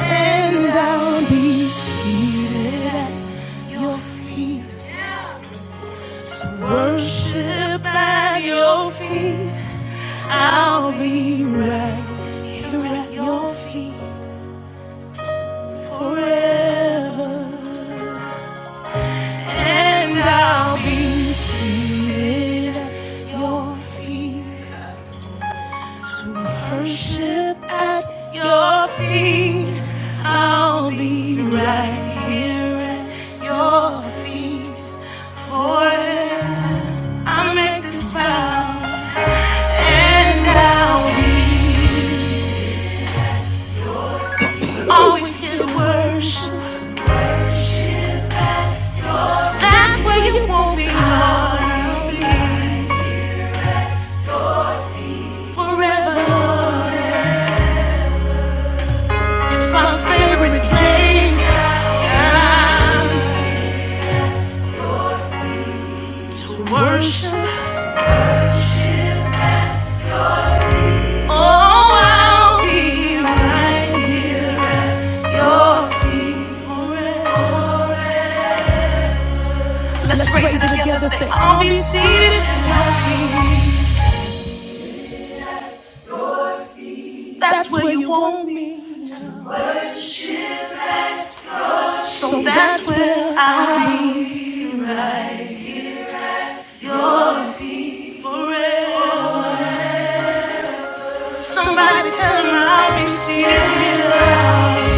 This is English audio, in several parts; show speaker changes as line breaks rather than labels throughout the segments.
And I'll be seated at your feet. Worship at your feet. I'll be right here at your feet forever. And I'll be seated at your feet to worship at your feet. I'll be right here at your feet forever. I make this vow. And now we always hear the words. That's where you won't be I'll be forever. It's my favorite place. Yeah. To worship. Oh, I'll be right here at your feet forever. Let's raise it together. Say, I'll be seated at your feet. That's where you want me. So that's where I'll be. For real. Somebody tell me I'll be still.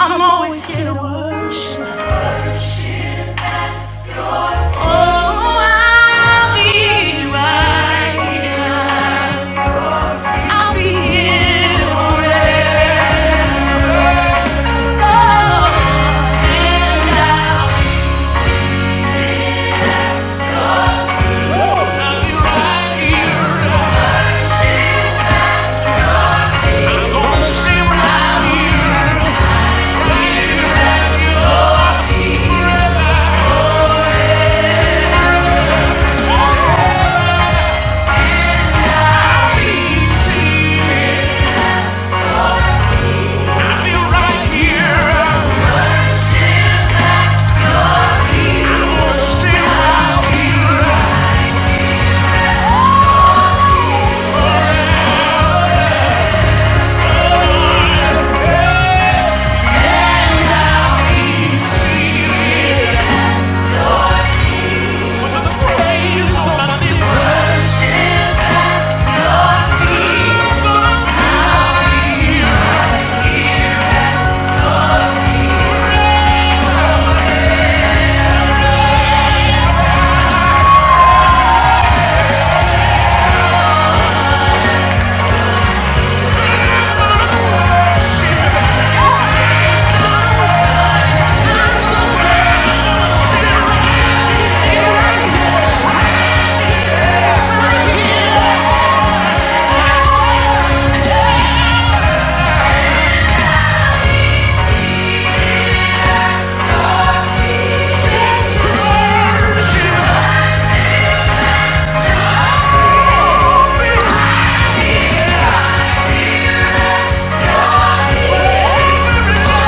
I'm always here to worship. Oh, I'll be right here. I'll be here for real. I'll I'll be worshipped.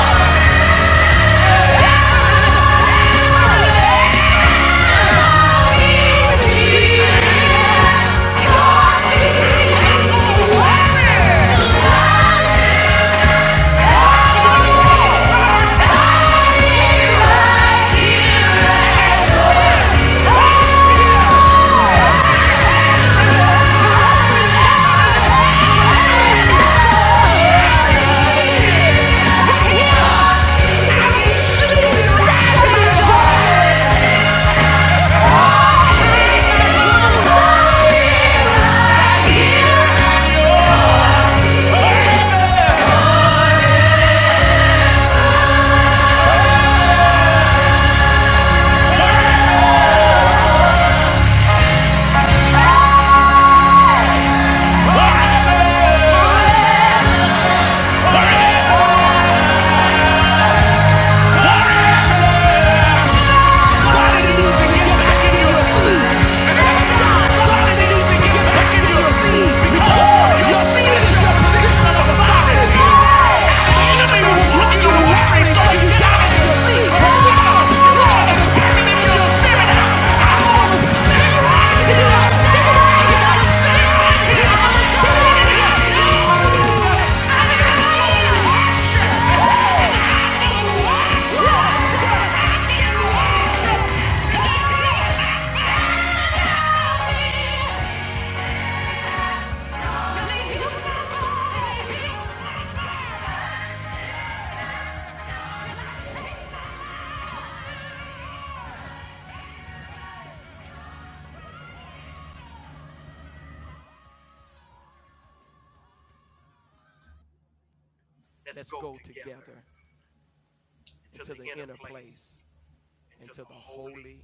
right Holy, Let's go together to the inner place, into the holy.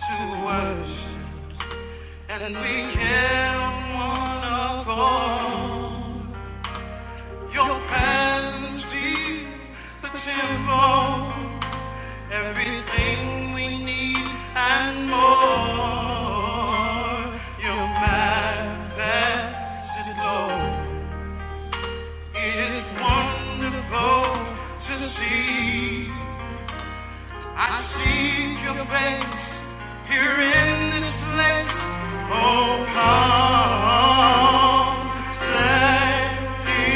To worship. And we have one accord. Your presence feed the temple. Everything we need and more. Your manifested glory. It is wonderful to see. I seek your face here in this place. Oh, come, let me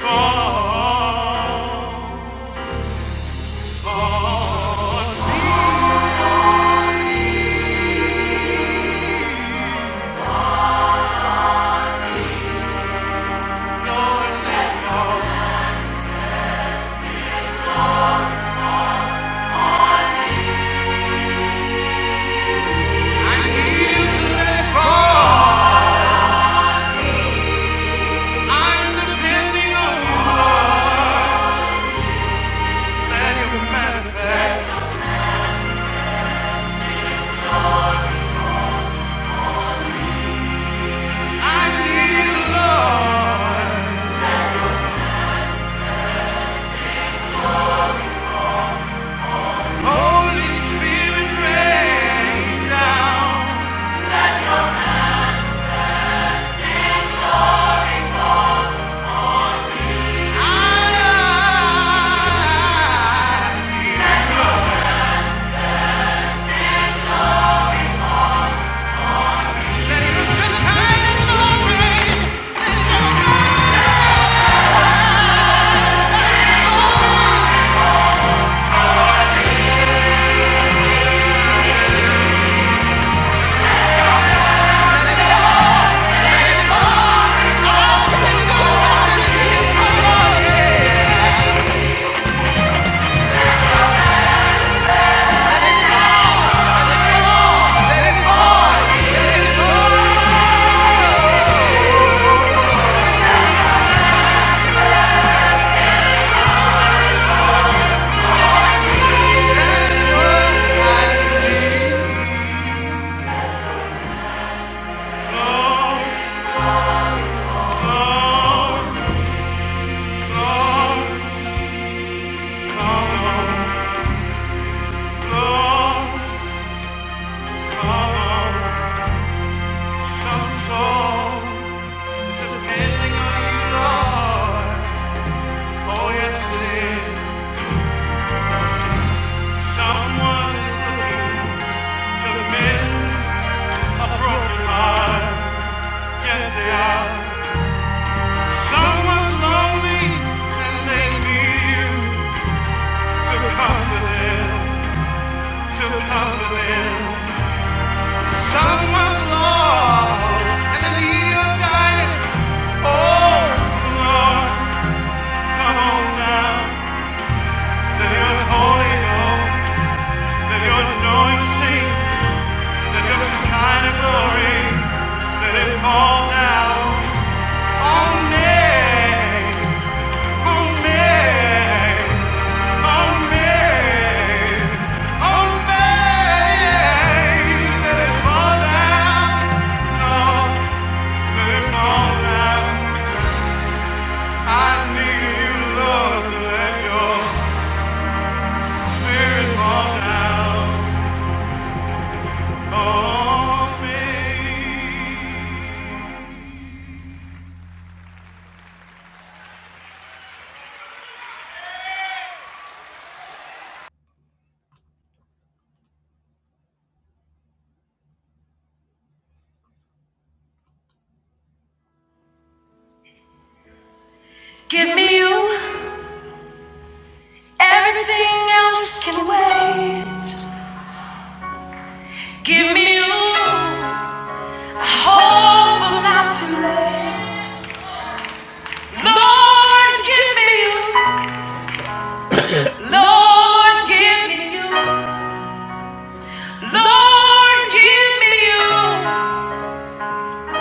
fall. Lord, let me I need you to let it fall. I'm depending on you. Let it manifest. I need you, Lord. Holy Spirit, rain down. Depending on you, Lord. Oh, yes, it is. Someone is looking to mend a broken heart. Yes, they are. Someone's lonely and they need you to comfort them, to comfort them. Someone's lost and they need your guidance. Oh, Lord, come on now. Let your holy home, let your anointing, let your sky of glory, let it fall down. Give me you, everything else can wait. Give me you. Lord, give me you. Lord, give me you. Lord, give me you.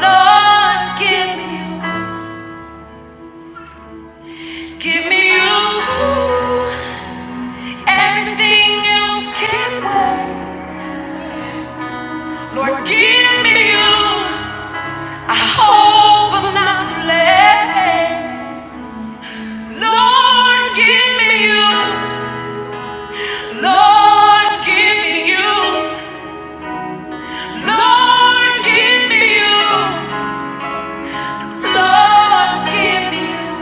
Lord, give me you. Give me you. Everything else can wait. Lord, give me you. I hope I'm not too late. Lord, give me you. Lord, give me you. Lord, give me you. Lord, give me you.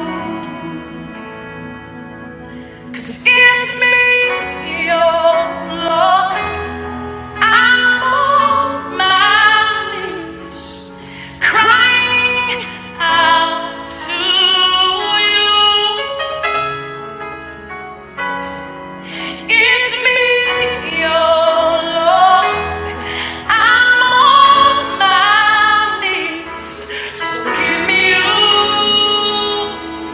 'Cause it gives me your love. I'm on my knees, crying out to you. It's me, your love. I'm on my knees, so give me you.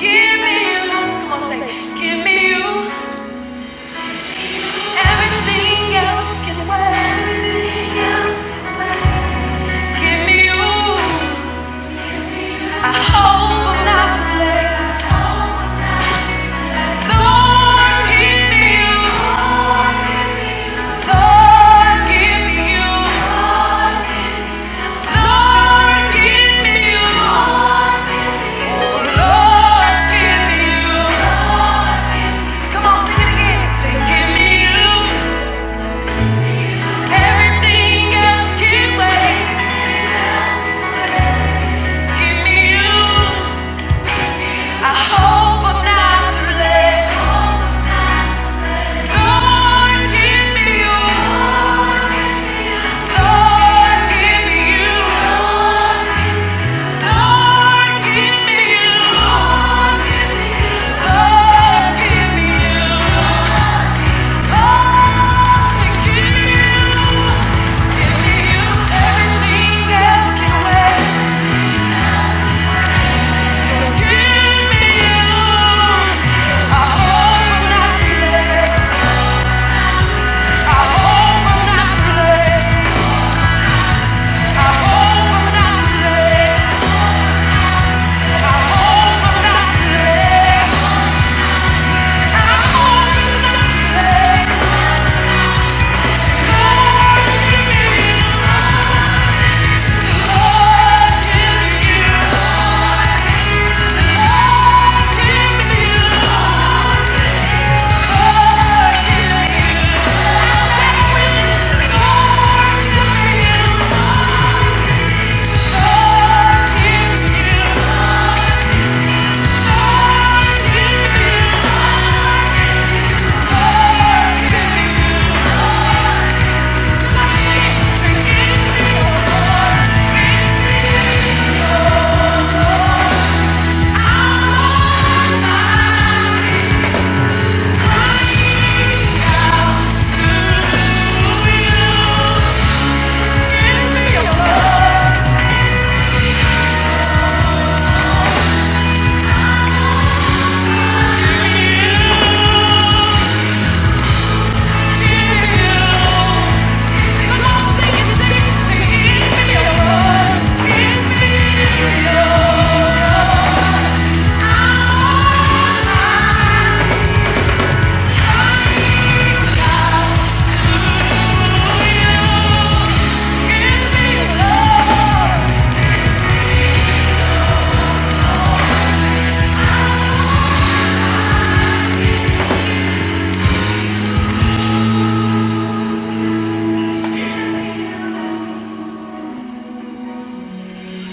Give me you, come on, say, give me you. Everything else can wait. Give me you. I hope I'm not too late. Lord, give me you. Lord, give me you. Lord, give me you. Oh, Lord, give me you. Come on, sing it again. Say, give me you. Everything else can wait. Give me you. I hope I'm not too late. Lord, give me you. Lord, give me you. Lord, give me you. Lord, give me you. Oh, so Give me you. Everything else can wait.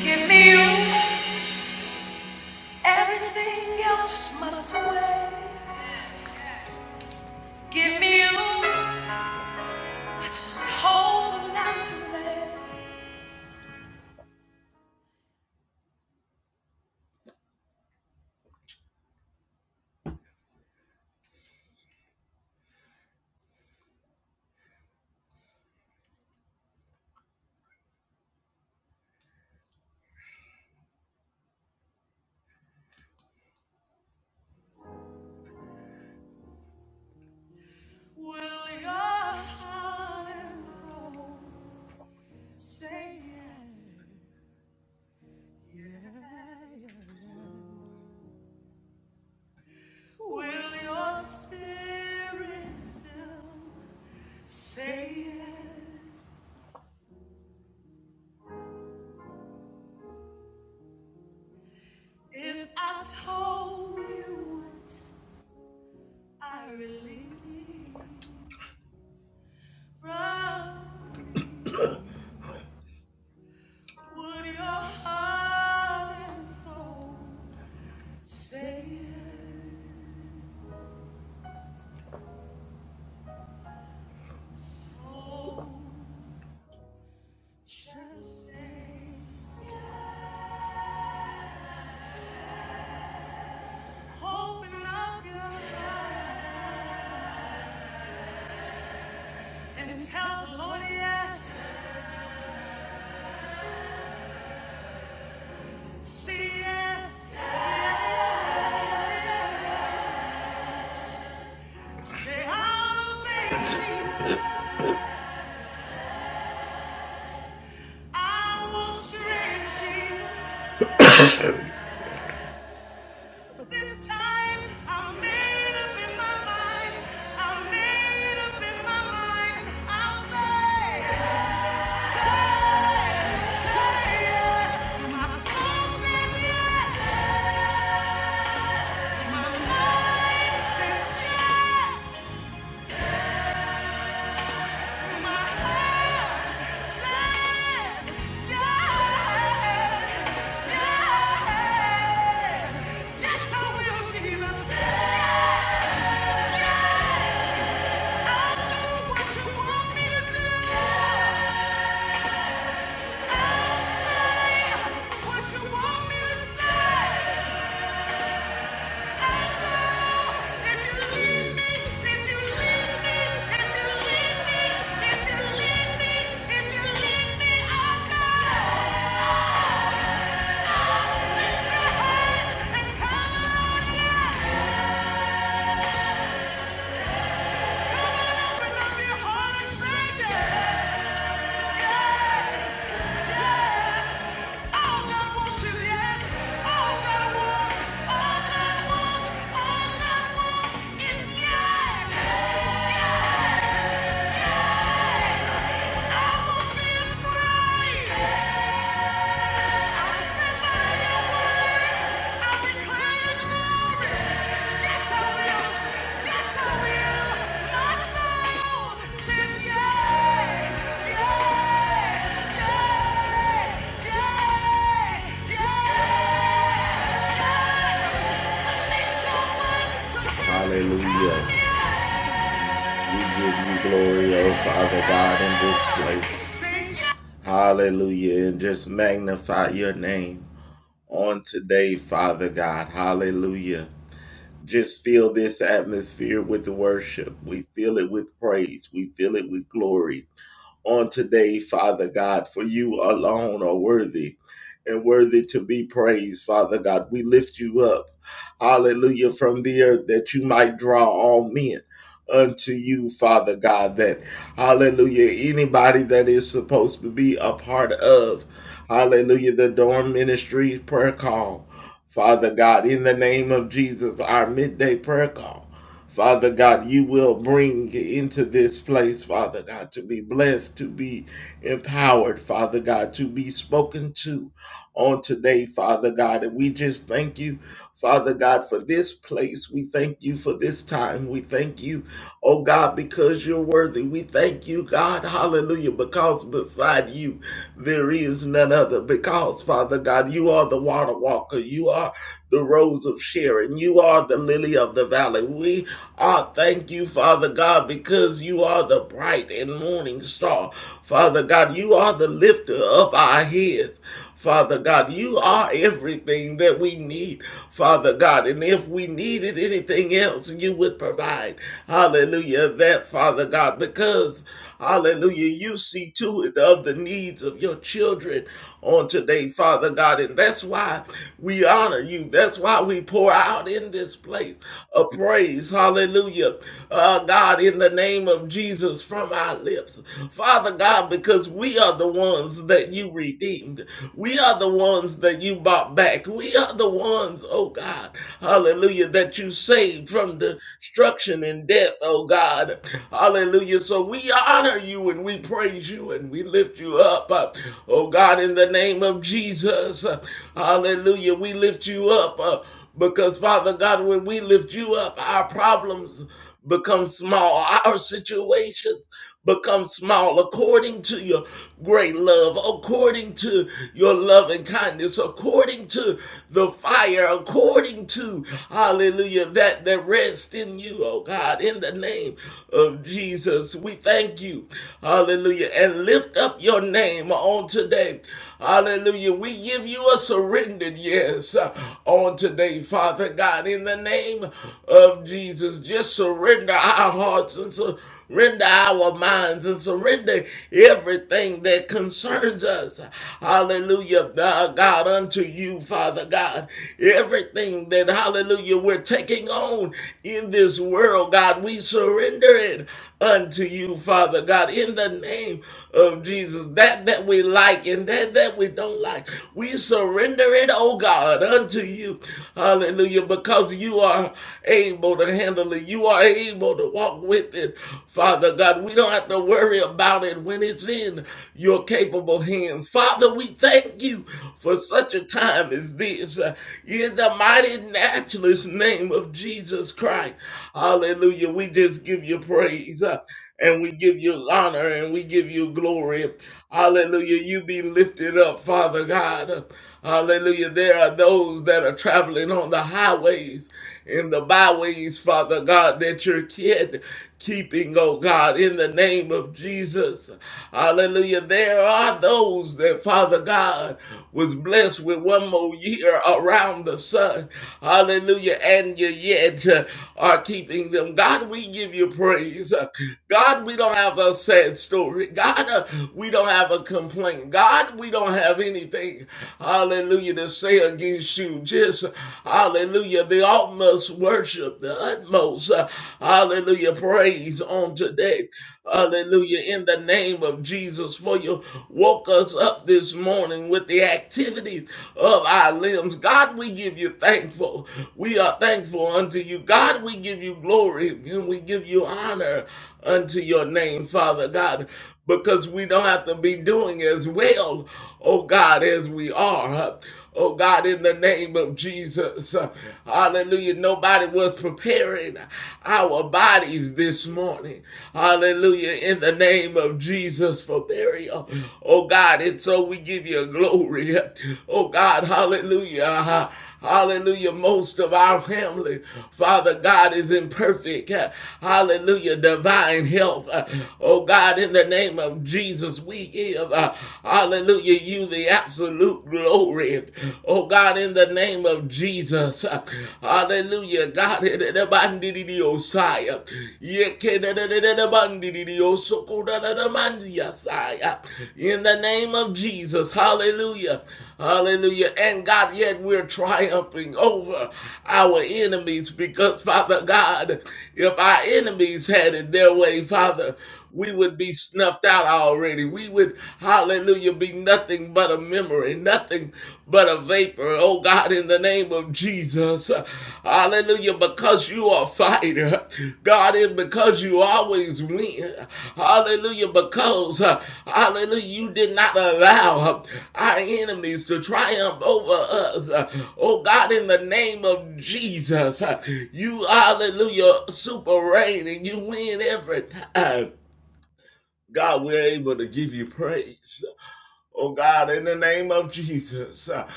Give me you. Everything else must wait. Give me you. Just holding out to let Will your heart and soul say yeah, yeah, yeah? Will your spirit still say yeah? If I told you what I really need, bruh, would your heart and soul say yeah? Oh, just say Open up your heart and tell the Lord yes. Say yes. Say I'll obey Jesus. I will stretch Jesus. But This time I made up in my mind. I made up in my mind. I'll say, say, say yes. My soul says yes. My mind says yes. My heart. Yeah!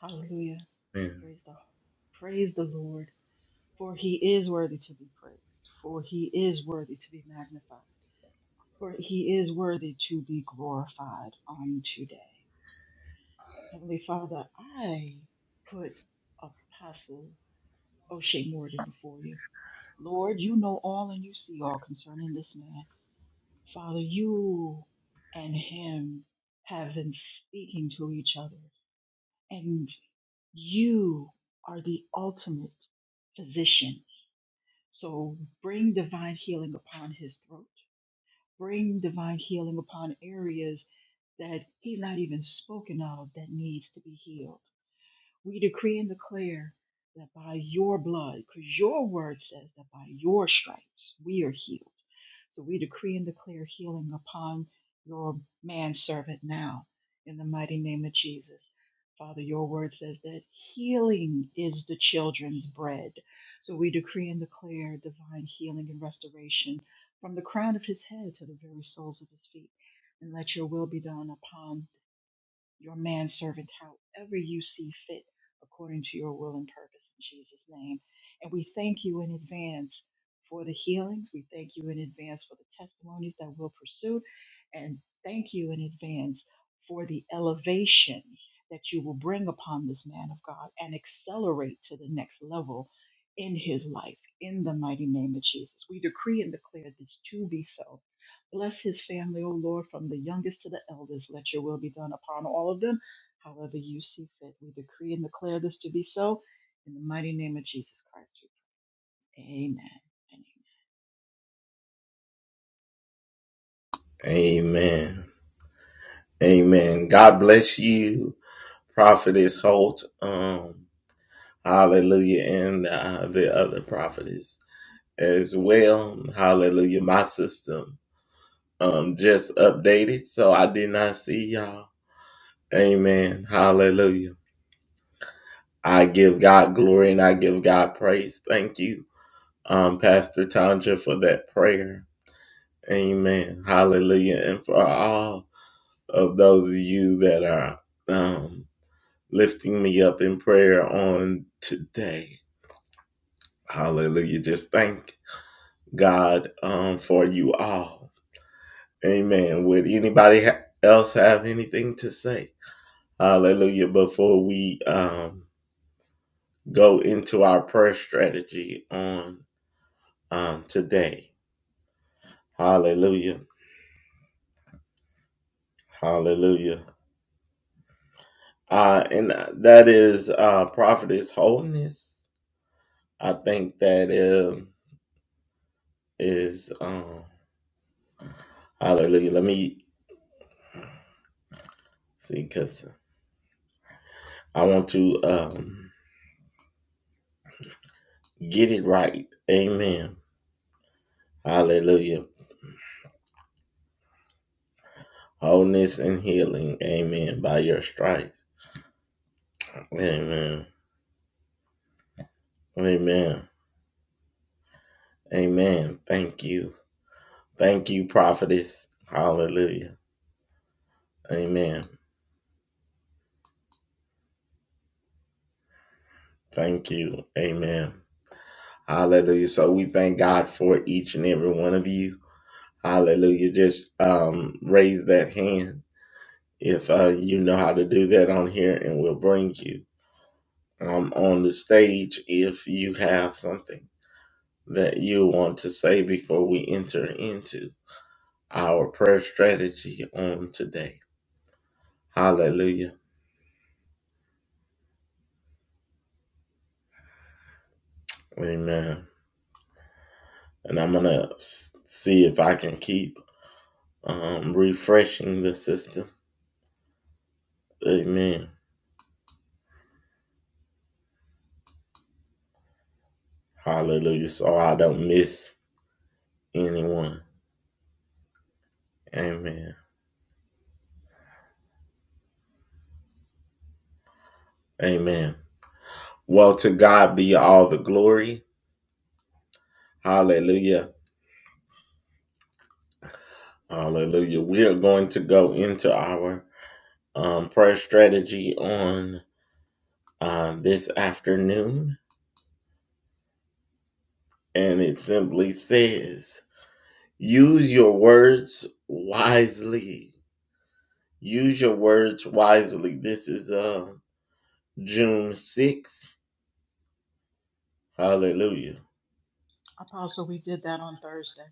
Hallelujah. Praise the praise the Lord. For he is worthy to be praised. For he is worthy to be magnified. For he is worthy to be glorified on today. Heavenly Father, I put Apostle O'Shea Morgan before you. Lord, you know all and you see all concerning this man. Father, you and him have been speaking to each other, and you are the ultimate physician So bring divine healing upon his throat. Bring divine healing upon areas that he's not even spoken of that needs to be healed. We decree and declare that by your blood, because your word says that by your stripes we are healed. So we decree and declare healing upon your manservant now in the mighty name of Jesus. Father, your word says that healing is the children's bread. So we decree and declare divine healing and restoration from the crown of his head to the very soles of his feet. And let your will be done upon your manservant however you see fit according to your will and purpose in Jesus' name. And we thank you in advance for the healings. We thank you in advance for the testimonies that we'll pursue. And thank you in advance for the elevation that you will bring upon this man of God and accelerate to the next level in his life in the mighty name of Jesus. We decree and declare this to be so Bless his family, O Lord, from the youngest to the eldest. Let your will be done upon all of them, however you see fit. We decree and declare this to be so in the mighty name of Jesus Christ. we pray. Amen. Amen. Apostle, we did that on Thursday.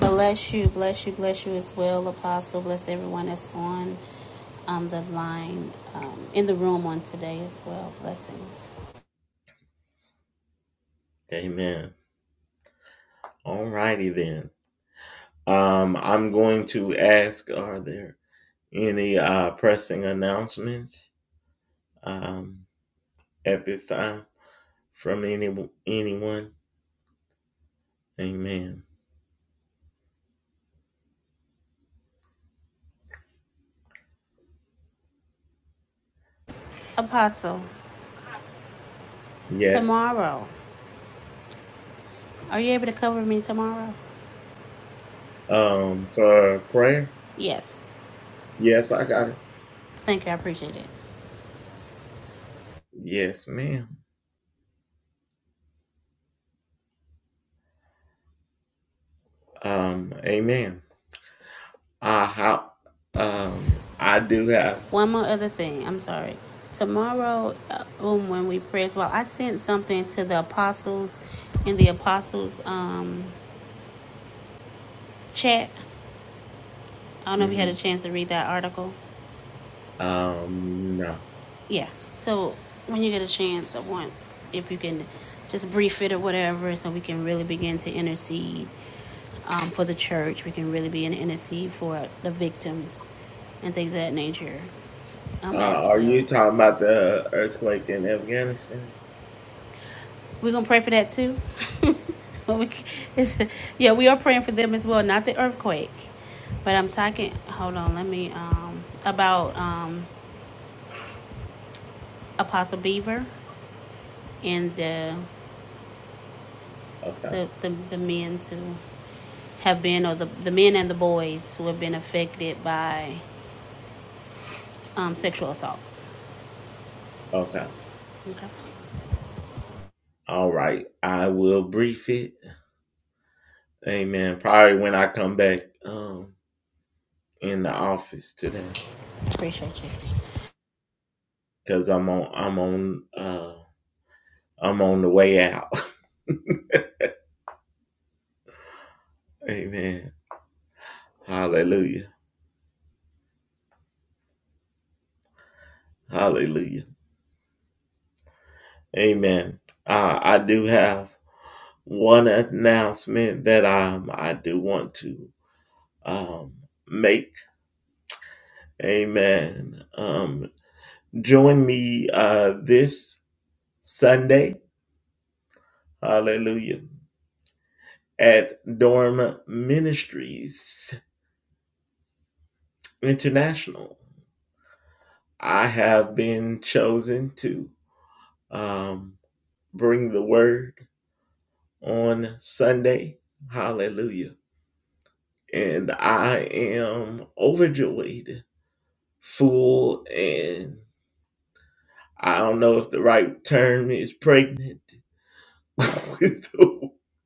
Bless you, bless you, bless you as well, Apostle. Bless everyone that's on um, the line um, in the room on today as well. Blessings. Apostle, tomorrow. Are you able to cover me tomorrow? Yes. Thank you. I appreciate it. One more other thing. I'm sorry. Tomorrow, uh, um, when we pray as well, I sent something to the apostles in the apostles um, chat. I don't know if you had a chance to read that article. yeah. So when you get a chance, I want if you can just brief it or whatever, so we can really begin to intercede um, for the church. We can really be in intercede for the victims and things of that nature um, as well. We're gonna pray for that too. But we it's, yeah, we are praying for them as well, not the earthquake, but I'm talking. Hold on, let me um, about um, Apostle Beaver and the the the, the men too. have been, or the, the men and the boys who have been affected by um, sexual assault. Okay. Appreciate you.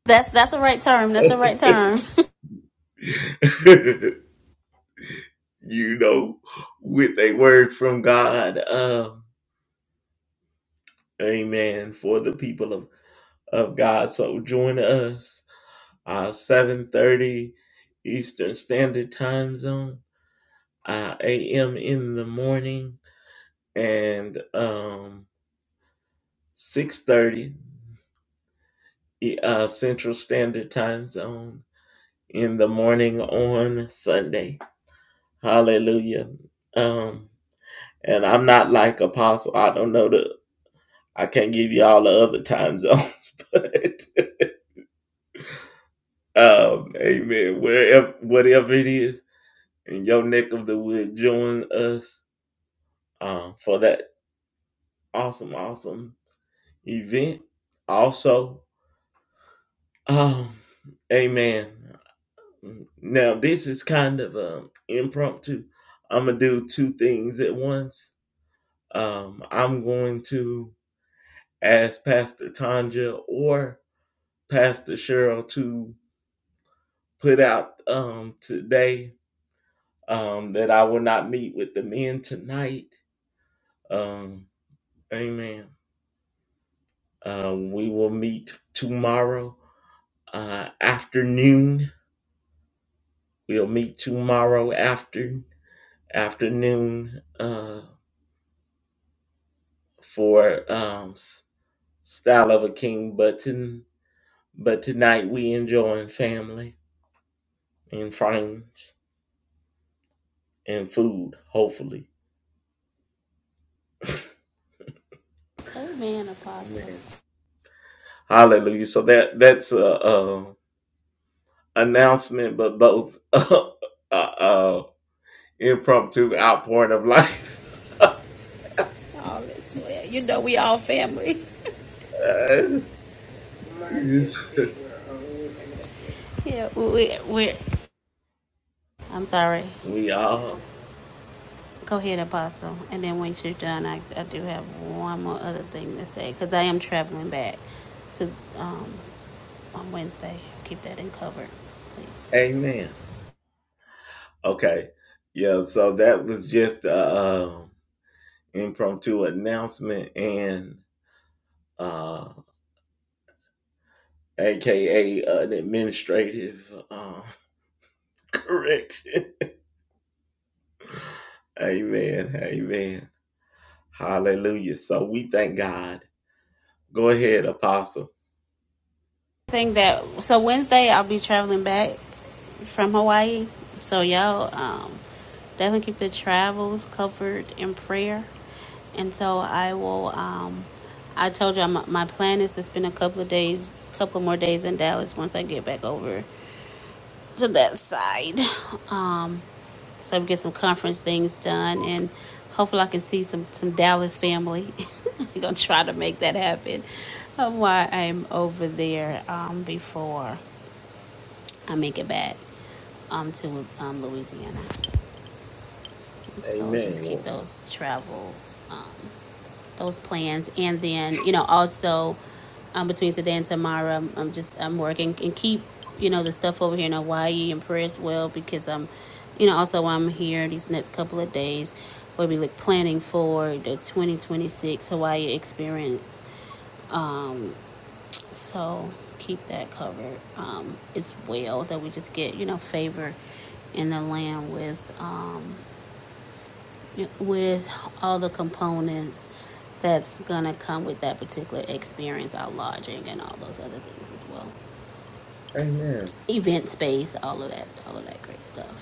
That's that's a right term. That's a right term. Amen, Apostle. All is well. You know we all family. Mark is the we're old and that's it. Yeah, we, we, I'm sorry. Go ahead, Apostle. And then once you're done, I, I do have one more other thing to say because I am traveling back to um, on Wednesday. Keep that in cover, please. thing that so Wednesday I'll be traveling back from Hawaii. So y'all um, definitely keep the travels covered in prayer. And so I will. Um, I told you my, my plan is to spend a couple of days, couple more days in Dallas once I get back over to that side. Um, so I can get some conference things done, and hopefully I can see some some Dallas family. I'm gonna try to make that happen uh, while I'm over there um, before I make it back. um, to um, Louisiana. And so just keep those travels, um, those plans, and then you know also um, between today and tomorrow, I'm, I'm just I'm working and keep you know the stuff over here in Hawaii and prayer as well because I'm, you know, also I'm here these next couple of days. where we look planning for the 2026 Hawaii experience. Um, so keep that covered um, as well that we just get you know favor in the land with um, with all the components that's gonna come with that particular experience, our lodging and all those other things as well. Event space, all of that, all of that great stuff.